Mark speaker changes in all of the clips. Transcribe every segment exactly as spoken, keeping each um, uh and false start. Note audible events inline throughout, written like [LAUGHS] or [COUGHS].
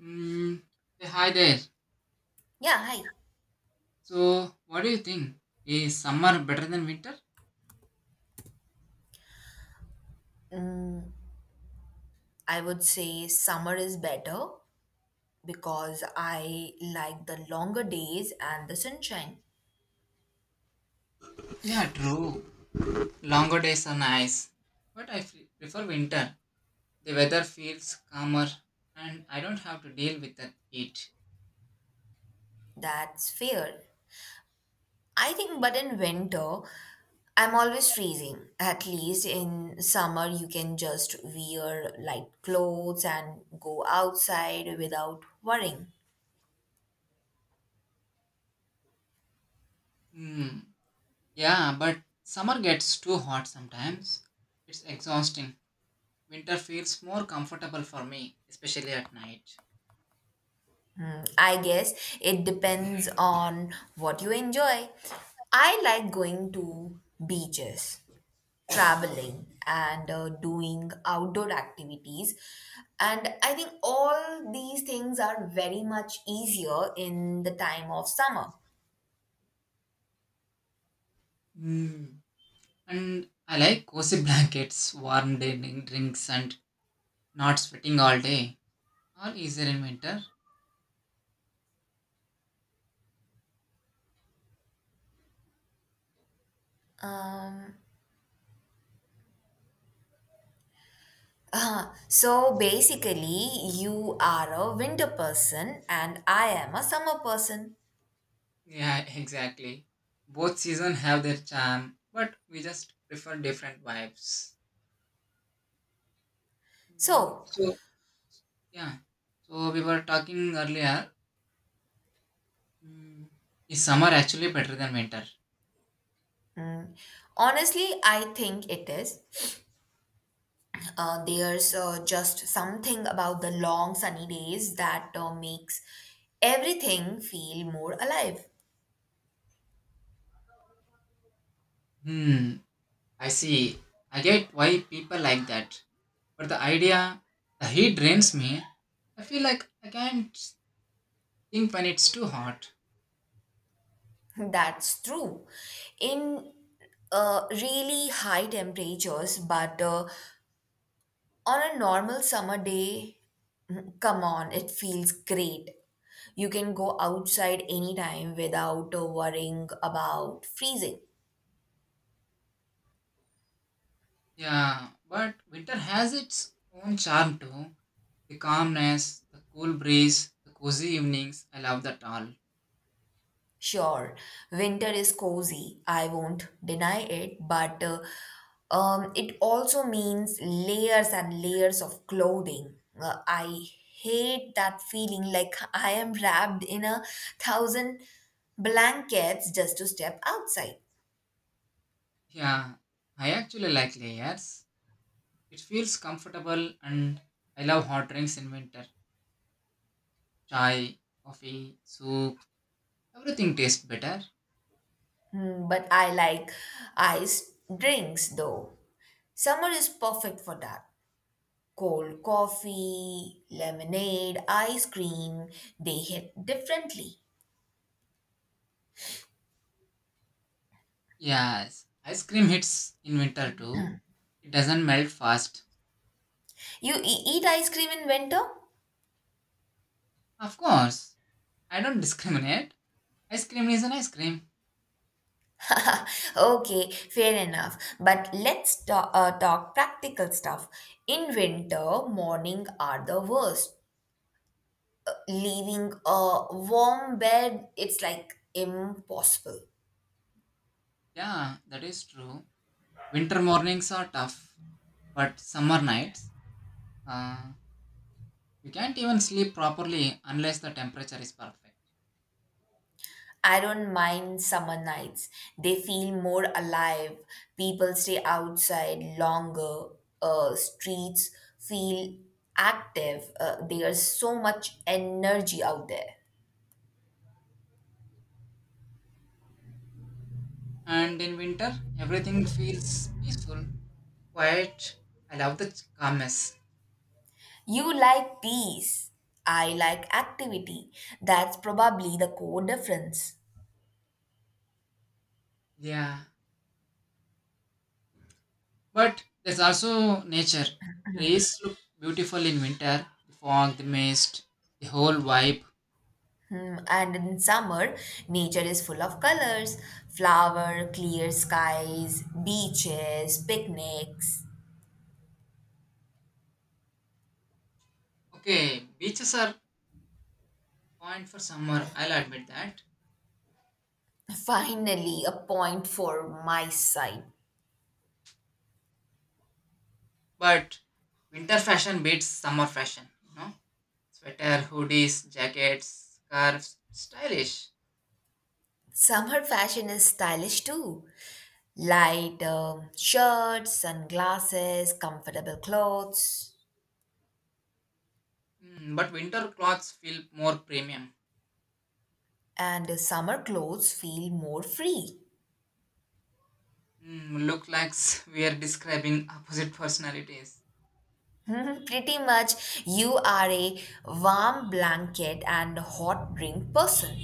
Speaker 1: Mm, hey, hi there.
Speaker 2: Yeah, hi.
Speaker 1: So, what do you think? Is summer better than winter?
Speaker 2: I would say summer is better because I like the longer days and the sunshine.
Speaker 1: Yeah, true. Longer days are nice. But I fe- prefer winter. The weather feels calmer and I don't have to deal with the heat.
Speaker 2: That's fair. I think, but in winter, I'm always freezing. At least in summer, you can just wear light clothes and go outside without worrying.
Speaker 1: Hmm. Yeah, but summer gets too hot sometimes. It's exhausting. Winter feels more comfortable for me, especially at night.
Speaker 2: Hmm, I guess it depends on what you enjoy. I like going to beaches traveling and uh, doing outdoor activities and I think all these things are very much easier in the time of summer.
Speaker 1: Hmm. And I like cozy [LAUGHS] blankets, warm din- drinks, and not sweating all day. Or easier in winter?
Speaker 2: um, so basically you are a winter person and I am a summer person.
Speaker 1: Yeah, [LAUGHS] exactly. Both seasons have their charm, but we just prefer different vibes. Mm,
Speaker 2: So
Speaker 1: so yeah, so we were talking earlier. mm, is summer actually better than winter?
Speaker 2: honestly I think it is. Uh, there's uh, just something about the long sunny days that uh, makes everything feel more alive.
Speaker 1: Hmm. I see. I get why people like that. But the idea, the heat drains me. I feel like I can't think when it's too hot.
Speaker 2: That's true. In uh, really high temperatures, but uh, on a normal summer day, mm, come on, it feels great. You can go outside anytime without uh, worrying about freezing.
Speaker 1: Yeah, but winter has its own charm too. The calmness, the cool breeze, the cozy evenings, I love that all.
Speaker 2: Sure, winter is cozy, I won't deny it, but uh, um, it also means layers and layers of clothing. Uh, I hate that feeling like I am wrapped in a thousand blankets just to step outside.
Speaker 1: Yeah, I actually like layers. It feels comfortable and I love hot drinks in winter. Chai, coffee, soup, everything tastes better.
Speaker 2: Hmm, but I like iced drinks though. Summer is perfect for that. Cold coffee, lemonade, ice cream, they hit differently.
Speaker 1: Yes, ice cream hits in winter too. It doesn't melt fast.
Speaker 2: You e- eat ice cream in winter?
Speaker 1: Of course, I don't [LAUGHS] discriminate. Ice cream is an ice cream.
Speaker 2: [LAUGHS] Okay, fair enough. But let's ta- uh, talk practical stuff. In winter, morning are the worst. Leaving a warm bed, it's like impossible.
Speaker 1: Yeah, that is true. Winter mornings are tough, but summer nights, uh, you can't even sleep properly unless the temperature is perfect.
Speaker 2: I don't mind summer nights. They feel more alive. People stay outside longer. Uh, streets feel active. Uh, there's so much energy out there.
Speaker 1: And in winter, everything feels peaceful, quiet. I love the calmness.
Speaker 2: You like peace. I like activity. That's probably the core difference.
Speaker 1: Yeah. But there's also nature. Trees look beautiful in winter. The fog, the mist, the whole vibe.
Speaker 2: Hmm, and in summer, nature is full of colors flower, clear skies, beaches, picnics.
Speaker 1: Okay, beaches are point for summer, I'll admit that.
Speaker 2: Finally, a point for my side.
Speaker 1: But winter fashion beats summer fashion, you know? Sweater, hoodies, jackets, scarves, stylish.
Speaker 2: Summer fashion is stylish too. Light um, shirts, sunglasses, comfortable clothes,
Speaker 1: Mm, but winter clothes feel more premium.
Speaker 2: and summer clothes feel more free.
Speaker 1: Mm, look like [LAUGHS] we are describing opposite personalities.
Speaker 2: Mhm, pretty much, you are a warm blanket and hot drink person.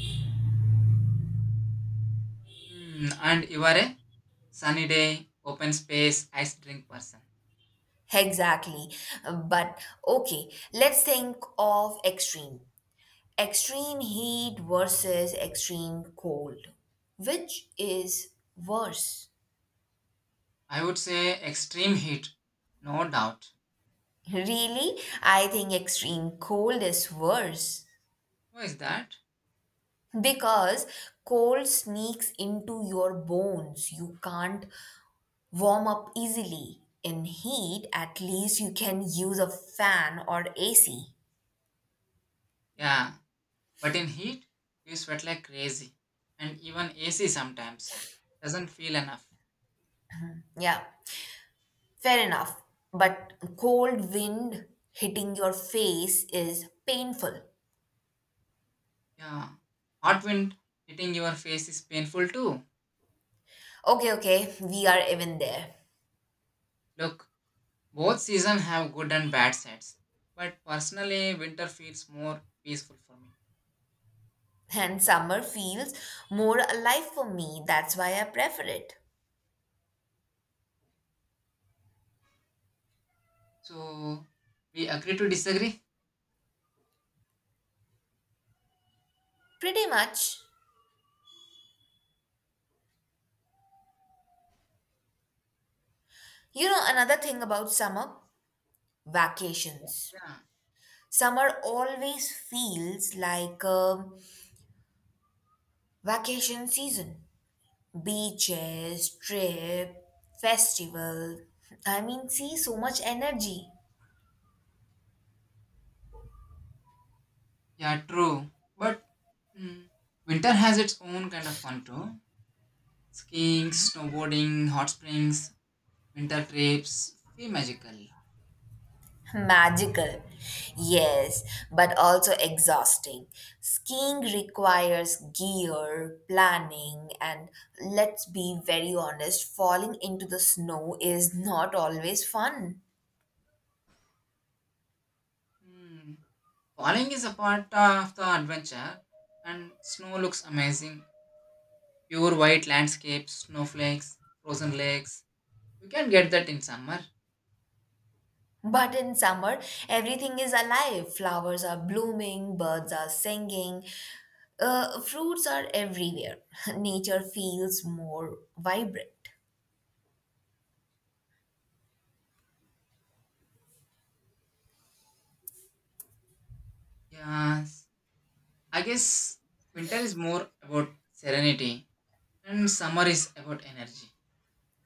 Speaker 1: Mm, and you are a sunny day, open space, ice drink person.
Speaker 2: Exactly. But okay, let's think of extreme. Extreme heat versus extreme cold. Which is worse?
Speaker 1: I would say extreme heat, no doubt.
Speaker 2: Really? I think extreme cold is worse
Speaker 1: Why is that?
Speaker 2: because cold sneaks into your bones. You can't warm up easily. In heat, at least you can use a fan or A C.
Speaker 1: Yeah, but in heat, you sweat like crazy. And even A C sometimes doesn't feel enough.
Speaker 2: Yeah, fair enough. But cold wind hitting your face is painful.
Speaker 1: Yeah, hot wind hitting your face is painful too.
Speaker 2: Okay, okay, we are even there.
Speaker 1: Look, both seasons have good and bad sides, but personally, winter feels more peaceful for me.
Speaker 2: And summer feels more alive for me. That's why I prefer it.
Speaker 1: So, we agree to disagree?
Speaker 2: Pretty much. You know, another thing about summer vacations.
Speaker 1: Yeah.
Speaker 2: Summer always feels like a vacation season. Beaches, trip, festival. I mean, see, so much energy.
Speaker 1: Yeah, true. But mm, winter has its own kind of fun too. Skiing, snowboarding, hot springs, winter trips feel magical.
Speaker 2: [LAUGHS] Magical. Yes, but also exhausting. Skiing requires gear, planning, and let's be very honest, falling into the snow is not always fun.
Speaker 1: Mm. Falling is a part of the adventure, and snow looks amazing. Pure white landscapes, snowflakes, frozen lakes. You can get that in summer.
Speaker 2: But in summer, everything is alive. Flowers are blooming, birds are singing, Uh, fruits are everywhere. [LAUGHS] Nature feels more vibrant.
Speaker 1: Yeah, I guess winter is more about serenity and summer is about energy.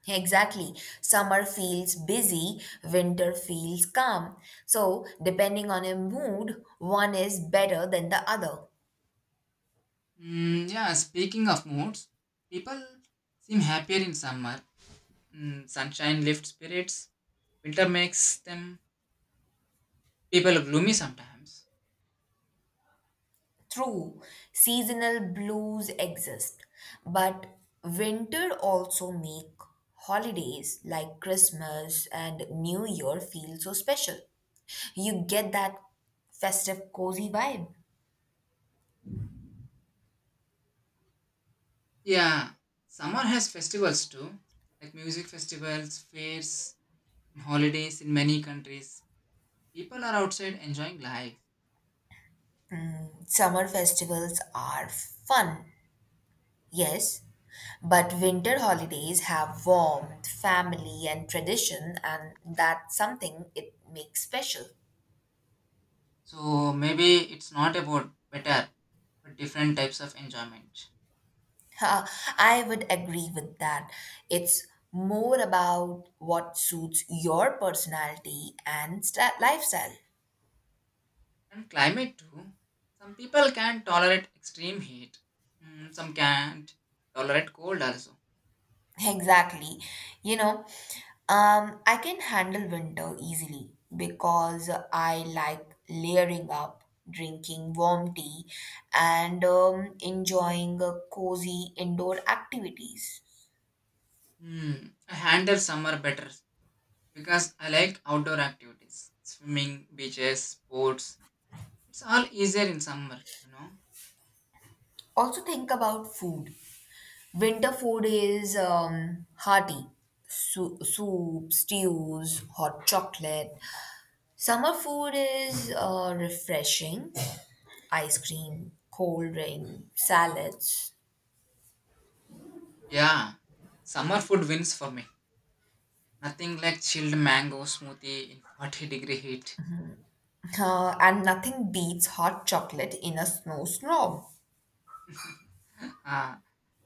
Speaker 2: Exactly. Summer feels busy, winter feels calm. So, depending on a mood, one is better than the other.
Speaker 1: Mm, yeah, speaking of moods, people seem happier in summer. Mm, sunshine lifts spirits. Winter makes them people gloomy sometimes.
Speaker 2: True, seasonal blues exist, but winter also make holidays like Christmas and New Year feel so special. You get that festive cozy vibe.
Speaker 1: Yeah, summer has festivals too, like music festivals, fairs, and holidays in many countries. People are outside enjoying life.
Speaker 2: Summer festivals are fun, yes, but winter holidays have warmth, family, and tradition, and that's something it makes special.
Speaker 1: So maybe it's not about better, but different types of enjoyment.
Speaker 2: [LAUGHS] Ha, I would agree with that. It's more about what suits your personality and sta lifestyle.
Speaker 1: And climate too. Some people can tolerate extreme heat. Mm, some can't tolerate cold also.
Speaker 2: Exactly. You know, um, I can handle winter easily because I like layering up, drinking warm tea, and um, enjoying uh, cozy indoor activities.
Speaker 1: Hmm, I handle summer better because I like outdoor activities. Swimming, beaches, sports. It's all easier in summer, you know.
Speaker 2: Also, think about food. Winter food is um, hearty. Su- soup, stews, hot chocolate. Summer food is uh, refreshing, ice cream, cold drink, salads.
Speaker 1: Yeah, summer food wins for me. Nothing like chilled mango smoothie in forty degree heat.
Speaker 2: Uh, and nothing beats hot chocolate in a snowstorm.
Speaker 1: [LAUGHS] Ah,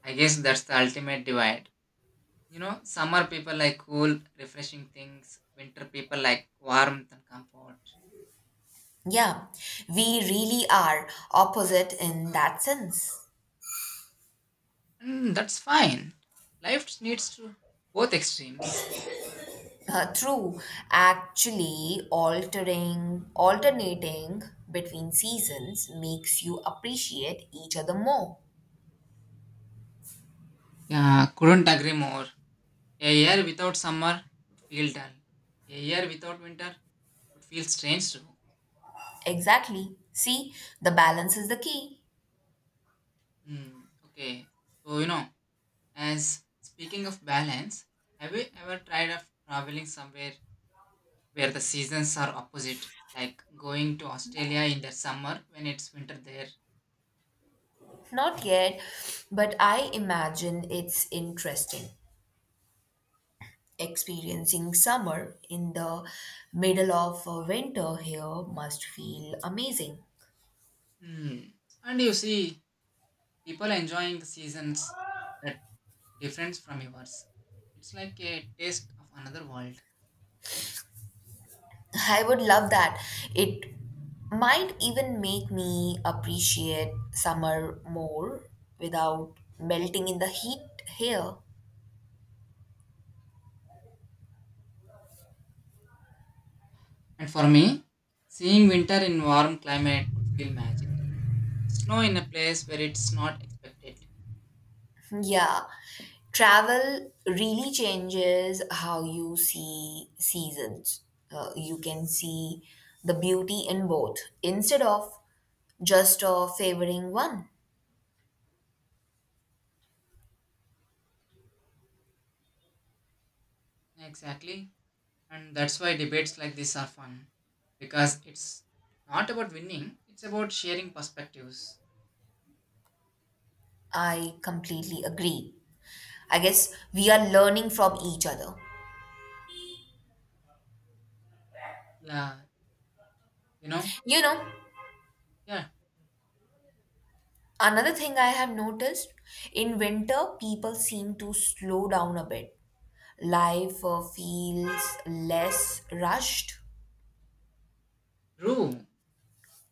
Speaker 1: I guess that's the ultimate divide. You know, summer people like cool, refreshing things, winter people like warmth and comfort.
Speaker 2: Yeah, we really are opposite in that sense.
Speaker 1: And that's fine. Life needs to both extremes.
Speaker 2: Uh, true, actually, altering, alternating between seasons makes you appreciate each other more.
Speaker 1: Yeah, couldn't agree more. A year without summer would feel dull. A year without winter would feel strange too.
Speaker 2: Exactly. See, the balance is the key.
Speaker 1: Hmm. Okay. So you know, as speaking of balance, have you ever tried of traveling somewhere where the seasons are opposite? Like going to Australia in the summer when it's winter there.
Speaker 2: Not yet, but I imagine it's interesting. Experiencing summer in the middle of uh, winter here must feel amazing.
Speaker 1: Hmm. And you see people enjoying the seasons that difference from yours. It's like a taste of another world.
Speaker 2: [LAUGHS] I would love that. It might even make me appreciate summer more without melting in the heat here.
Speaker 1: And for me, seeing winter in warm climate would feel magical. Snow in a place where it's not expected.
Speaker 2: [LAUGHS] Yeah, travel really changes how you see seasons. Uh, you can see the beauty in both instead of just uh, favoring one.
Speaker 1: Exactly. And that's why debates like this are fun. Because it's not about winning, it's about sharing perspectives.
Speaker 2: I completely agree. I guess we are learning from each other.
Speaker 1: Yeah, you know?
Speaker 2: You know,
Speaker 1: Yeah,
Speaker 2: another thing I have noticed in winter, people seem to slow down a bit. Life uh, feels less rushed.
Speaker 1: true.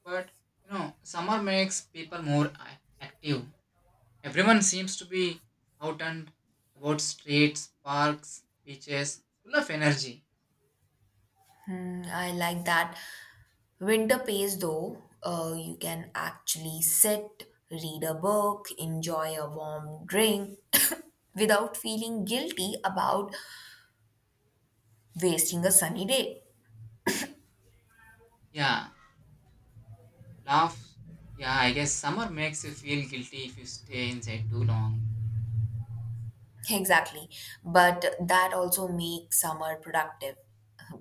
Speaker 1: But, you know, summer makes people more ac- active. Everyone seems to be out and about streets, parks, beaches, full of energy.
Speaker 2: Mm, I like that. Winter pace, though, uh, you can actually sit, read a book, enjoy a warm drink [COUGHS] without feeling guilty about wasting a sunny day.
Speaker 1: Yeah, laugh. Yeah, I guess summer makes you feel guilty if you stay inside too long.
Speaker 2: Exactly. But that also makes summer productive.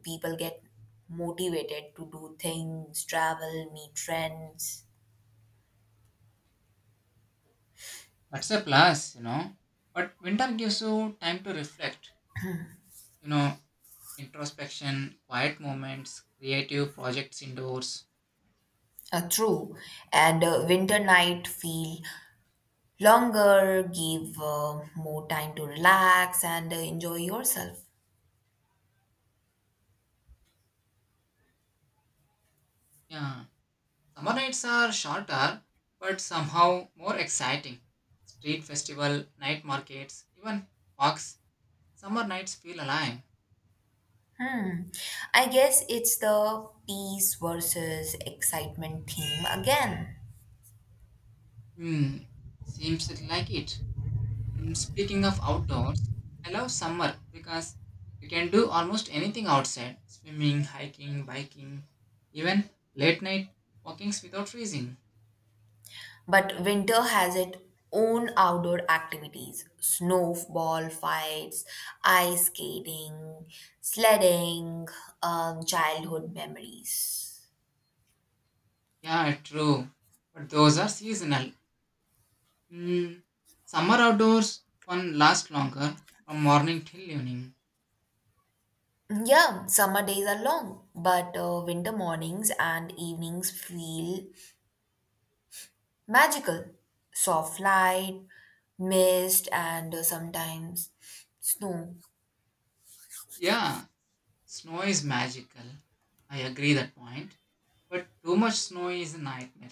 Speaker 2: People get motivated to do things, travel, meet friends.
Speaker 1: That's a plus, you know. But winter gives you time to reflect, you know, introspection, quiet moments, creative projects indoors.
Speaker 2: Uh, true. And uh, winter night feel longer, give uh, more time to relax and uh, enjoy yourself.
Speaker 1: Yeah, summer nights are shorter, but somehow more exciting. Street festival, night markets, even walks. Summer nights feel alive.
Speaker 2: Hmm. I guess it's the peace versus excitement theme again.
Speaker 1: Hmm, seems like it. Hmm, speaking of outdoors, I love summer because you can do almost anything outside swimming, hiking, biking, even late night walkings without freezing.
Speaker 2: But winter has its own outdoor activities snowball fights, ice skating, sledding, um, childhood memories.
Speaker 1: Yeah, true. But those are seasonal. Hmm, summer outdoors fun lasts longer from morning till evening.
Speaker 2: Yeah, summer days are long, but uh, winter mornings and evenings feel magical. Soft light, mist, and uh, sometimes snow.
Speaker 1: Yeah, snow is magical. I agree that point. But too much snow is a nightmare.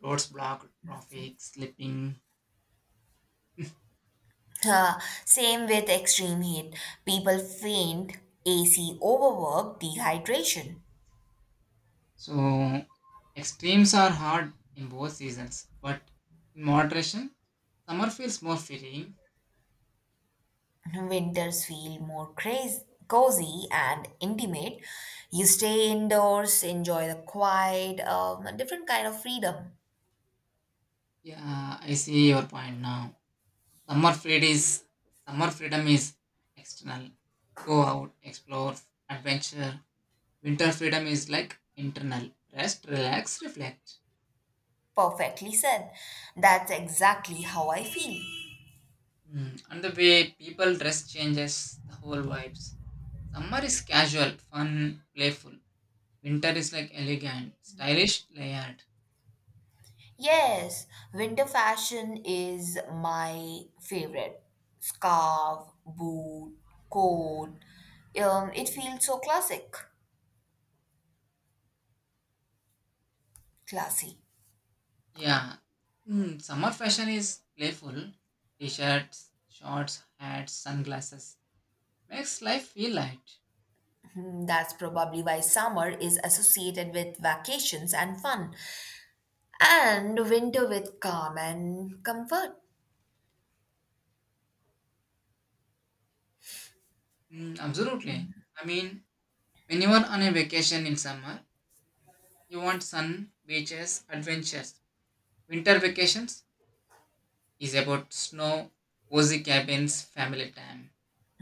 Speaker 1: Roads blocked, traffic, slipping.
Speaker 2: Uh, Same with extreme heat. People faint, A C overwork, dehydration.
Speaker 1: So extremes are hard in both seasons, but in moderation, summer feels more freeing.
Speaker 2: Winters feel more crazy, cozy and intimate. You stay indoors, enjoy the quiet, um, a different kind of freedom.
Speaker 1: Yeah, I see your point now. Summer freed is Summer freedom is external. Go out, explore, adventure. Winter freedom is like internal. Rest, relax, reflect.
Speaker 2: Perfectly said. That's exactly how I feel.
Speaker 1: Hmm, and the way people dress changes the whole vibes. Summer is casual, fun, playful. Winter is like elegant, stylish, layered.
Speaker 2: Yes, winter fashion is my favorite. Scarf, boot, coat. Um, it feels so classic. Classy.
Speaker 1: Yeah. Mm, summer fashion is playful. T-shirts, shorts, hats, sunglasses. Makes life feel light.
Speaker 2: Hmm, that's probably why summer is associated with vacations and fun and winter with calm and comfort.
Speaker 1: Mm, absolutely. I mean, when you are on a vacation in summer, you want sun, beaches, adventures. Winter vacations is about snow, cozy cabins, family time.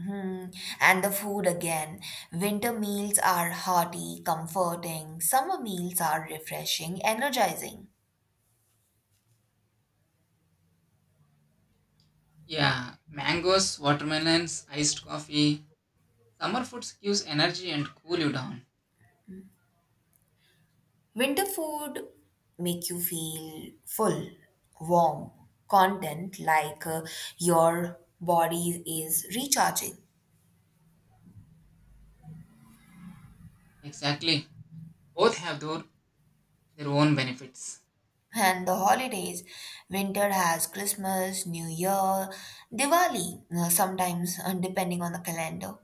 Speaker 2: Hmm. And the food again. Winter meals are hearty, comforting. Summer meals are refreshing, energizing.
Speaker 1: Yeah, mangoes, watermelons, iced coffee. Summer foods gives energy and cool you down.
Speaker 2: Winter food make you feel full, warm, content like uh, your body is recharging.
Speaker 1: Exactly. Both have their, their own benefits.
Speaker 2: And the holidays, winter has Christmas, New Year, Diwali, uh, sometimes uh, depending on the calendar.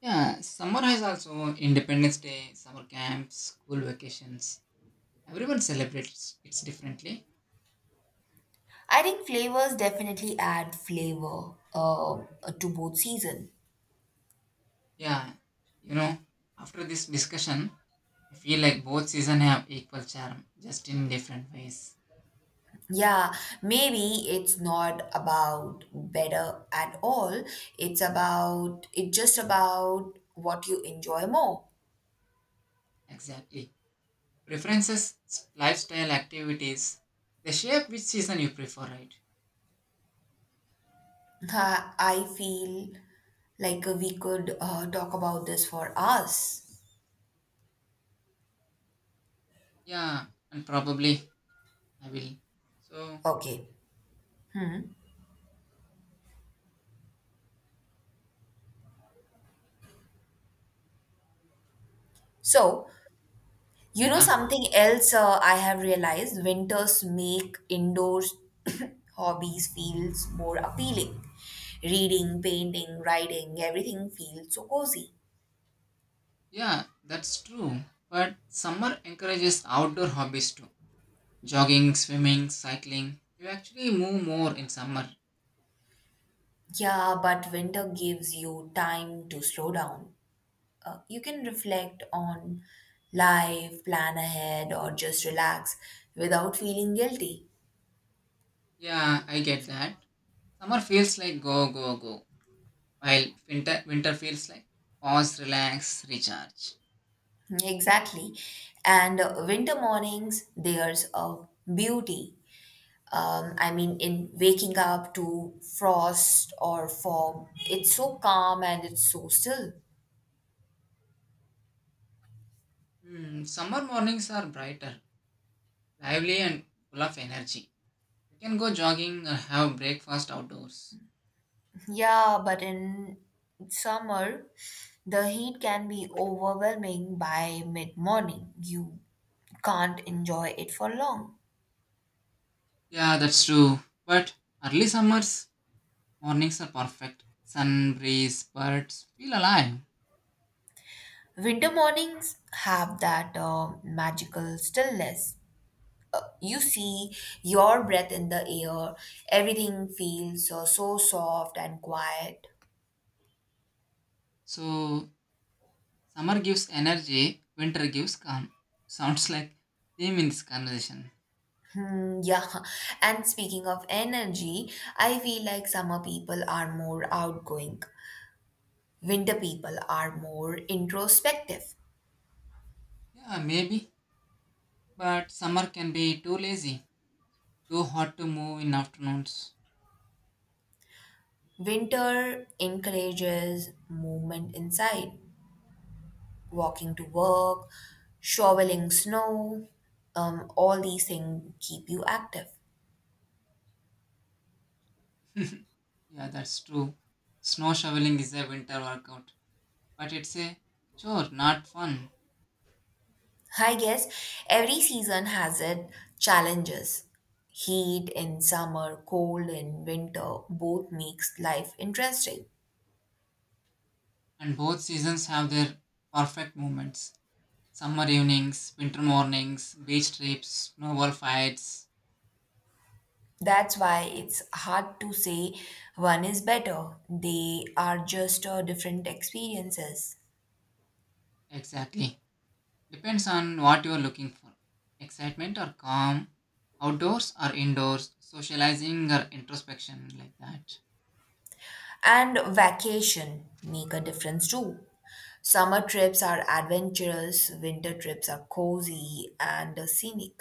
Speaker 1: Yeah, summer has also Independence Day, summer camps, school vacations. Everyone celebrates it differently.
Speaker 2: I think flavors definitely add flavor uh, to both season.
Speaker 1: Yeah, you know, after this discussion, I feel like both seasons have equal charm, just in different ways.
Speaker 2: Yeah, maybe it's not about better at all. It's about it's just about what you enjoy more.
Speaker 1: Exactly. Preferences, lifestyle, activities, they shape which season you prefer, right?
Speaker 2: I I feel like we could uh, talk about this for us.
Speaker 1: Yeah, and probably I will. So,
Speaker 2: Okay, so you know
Speaker 1: yeah,
Speaker 2: something else uh, I have realized winters make indoor [COUGHS] hobbies feels more appealing. Reading, painting, writing, everything feels so cozy.
Speaker 1: yeah, that's true. But summer encourages outdoor hobbies too. Jogging, swimming, cycling. You actually move more in summer.
Speaker 2: Yeah, but winter gives you time to slow down. Uh, you can reflect on life, plan ahead, or just relax without feeling guilty.
Speaker 1: Yeah, I get that. Summer feels like go, go, go, while winter, winter feels like pause, relax, recharge.
Speaker 2: Exactly. And uh, winter mornings, there's a beauty um, I mean, in waking up to frost or fog, it's so calm and it's so still.
Speaker 1: Hmm, summer mornings are brighter, lively, and full of energy. You can go jogging or have breakfast outdoors.
Speaker 2: Yeah, but in summer, the heat can be overwhelming by mid morning. You can't enjoy it for long.
Speaker 1: Yeah, that's true. But early summers mornings are perfect. Sun, breeze, birds feel alive.
Speaker 2: Winter mornings have that uh, magical stillness. You see your breath in the air, everything feels uh, so soft and quiet.
Speaker 1: So summer gives energy, winter gives calm. Sounds like theme in this conversation.
Speaker 2: Hmm, yeah. And speaking of energy, I feel like summer people are more outgoing. Winter people are more introspective.
Speaker 1: Yeah, maybe. But summer can be too lazy, too hot to move in afternoons.
Speaker 2: Winter encourages movement inside, walking to work, shoveling snow. Um, all these things keep you active.
Speaker 1: [LAUGHS] Yeah, that's true. Snow shoveling is a winter workout, but it's a chore, not fun.
Speaker 2: I guess every season has its challenges. Heat in summer, cold in winter, both makes life interesting.
Speaker 1: And both seasons have their perfect moments. Summer evenings, winter mornings, beach trips, snowball fights.
Speaker 2: That's why it's hard to say one is better. They are just uh, different experiences.
Speaker 1: Exactly. Depends on what you are looking for. Excitement or calm outdoors or indoors, socializing or introspection like that.
Speaker 2: And vacation make a difference too. Summer trips are adventurous, winter trips are cozy and uh, scenic.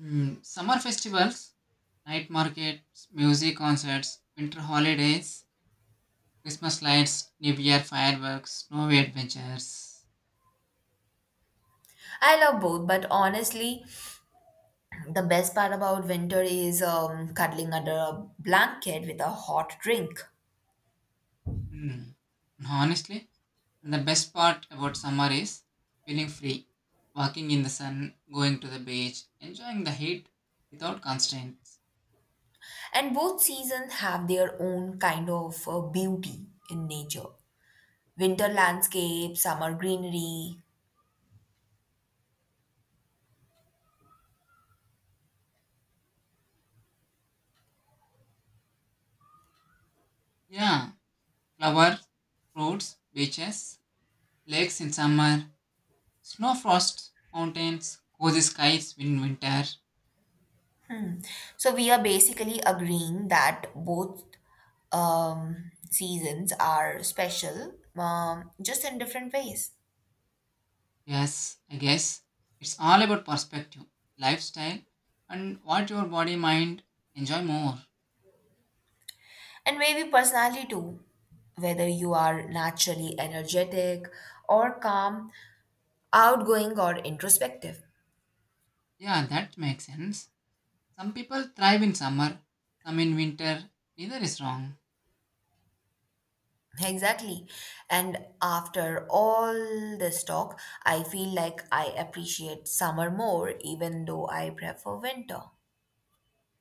Speaker 1: Mm, summer festivals, night markets, music concerts, winter holidays, Christmas lights, New Year fireworks, snowy adventures.
Speaker 2: I love both, but honestly, the best part about winter is um, cuddling under a blanket with a hot drink.
Speaker 1: Mm. And honestly, the best part about summer is feeling free, walking in the sun, going to the beach, enjoying the heat without constraints.
Speaker 2: And both seasons have their own kind of uh, beauty in nature. Winter landscape, summer greenery.
Speaker 1: Yeah, flowers, fruits, beaches, lakes in summer, snow frost mountains, cozy skies in winter.
Speaker 2: So we are basically agreeing that both um, seasons are special, um, just in different ways.
Speaker 1: Yes, I guess it's all about perspective, lifestyle, and what your body mind enjoy more.
Speaker 2: And maybe personality too, whether you are naturally energetic or calm, outgoing or introspective.
Speaker 1: Yeah, that makes sense. Some people thrive in summer, some in winter. Neither is wrong,
Speaker 2: Exactly. And after all this talk, I feel like I appreciate summer more, even though I prefer winter.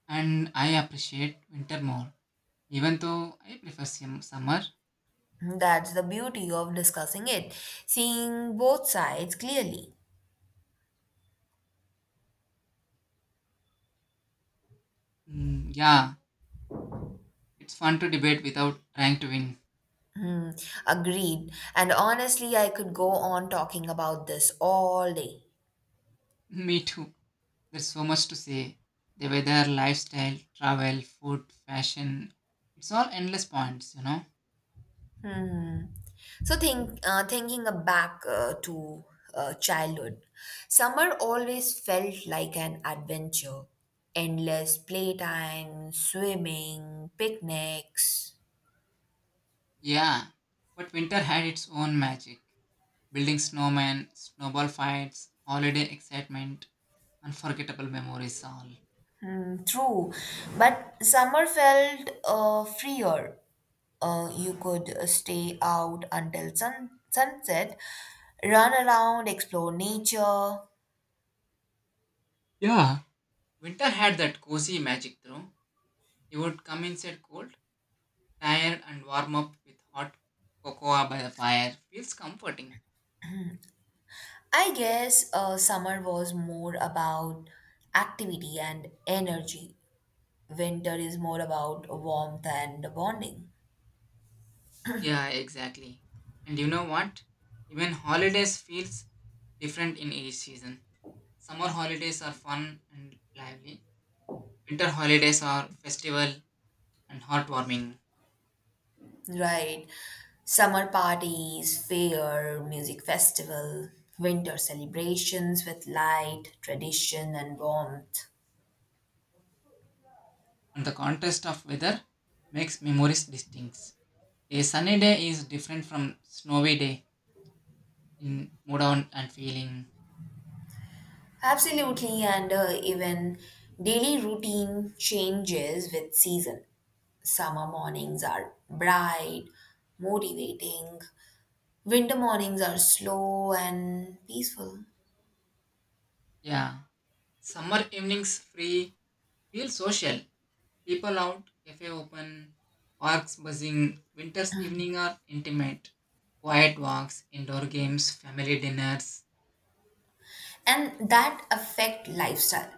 Speaker 1: and I appreciate winter more, even though I prefer sim- summer.
Speaker 2: Hmm, that's the beauty of discussing it, seeing both sides clearly.
Speaker 1: Mm, yeah, it's fun to debate without trying to win.
Speaker 2: Hmm, agreed. And honestly, I could go on talking about this all day.
Speaker 1: [LAUGHS] Me too. There's so much to say. The weather, lifestyle, travel, food, fashion. It's all endless points, you know?
Speaker 2: Hmm. So think, uh, thinking back uh, to uh, childhood, summer always felt like an adventure. Endless playtime, swimming, picnics.
Speaker 1: Yeah. But winter had its own magic. Building snowmen, snowball fights, holiday excitement, unforgettable memories all.
Speaker 2: Hmm, true, but summer felt uh, freer. Uh, you could uh, stay out until sun- sunset, run around, explore nature.
Speaker 1: Yeah. Winter had that cozy magic though. You would come inside cold, tired and warm up with hot cocoa by the fire. Feels comforting.
Speaker 2: I guess uh, summer was more about activity and energy. Winter is more about warmth and bonding,
Speaker 1: Yeah, exactly. And you know what? Even holidays feels different in each season. Summer holidays are fun and lively. Winter holidays are festival and heartwarming.
Speaker 2: right? Summer parties, fair, music festival, winter celebrations with light, tradition, and warmth.
Speaker 1: And the contrast of weather makes memories distinct. A sunny day is different from snowy day in mood on and feeling.
Speaker 2: Absolutely, and uh, even daily routine changes with season. Summer mornings are bright, motivating. Winter mornings are slow and peaceful.
Speaker 1: Yeah. Summer evenings free feel social. People out, cafe open, parks buzzing. Winter's evening are intimate. Quiet walks, indoor games, family dinners.
Speaker 2: And that affect lifestyle.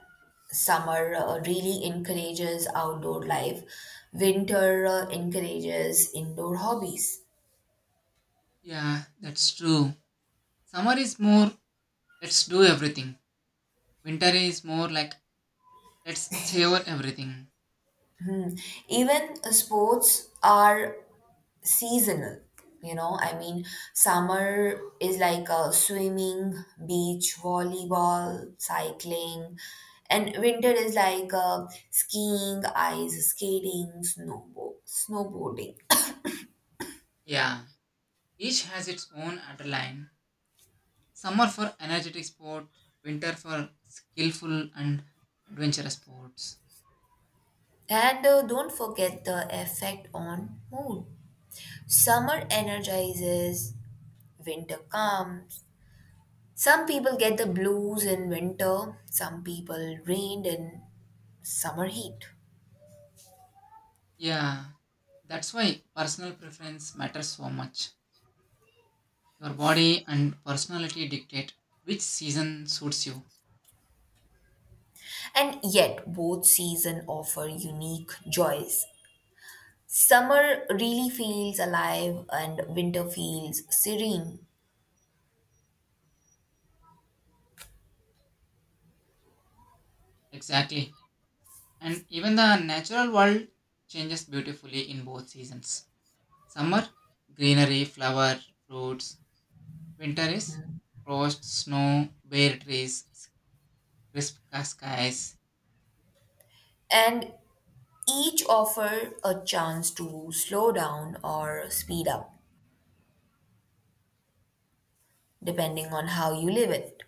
Speaker 2: Summer uh, really encourages outdoor life. Winter uh, encourages indoor hobbies.
Speaker 1: Yeah, that's true. Summer is more let's do everything. Winter is more like let's savor everything.
Speaker 2: Even uh, sports are seasonal, you know, I mean, summer is like uh, swimming, beach volleyball, cycling, and winter is like uh, skiing, ice skating, snowboard snowboarding.
Speaker 1: Yeah, each has its own underline. Summer for energetic sport, winter for skillful and adventurous sports.
Speaker 2: And uh, don't forget the effect on mood. Summer energizes, winter calms. Some people get the blues in winter, some people rained in summer heat.
Speaker 1: Yeah, that's why personal preference matters so much. Your body and personality dictate which season suits you.
Speaker 2: And yet, both seasons offer unique joys. Summer really feels alive, and winter feels serene.
Speaker 1: Exactly. And even the natural world changes beautifully in both seasons. Summer, greenery, flower, fruits, winter is frost, snow, bare trees, crisp skies.
Speaker 2: And each offer a chance to slow down or speed up, depending on how you live it.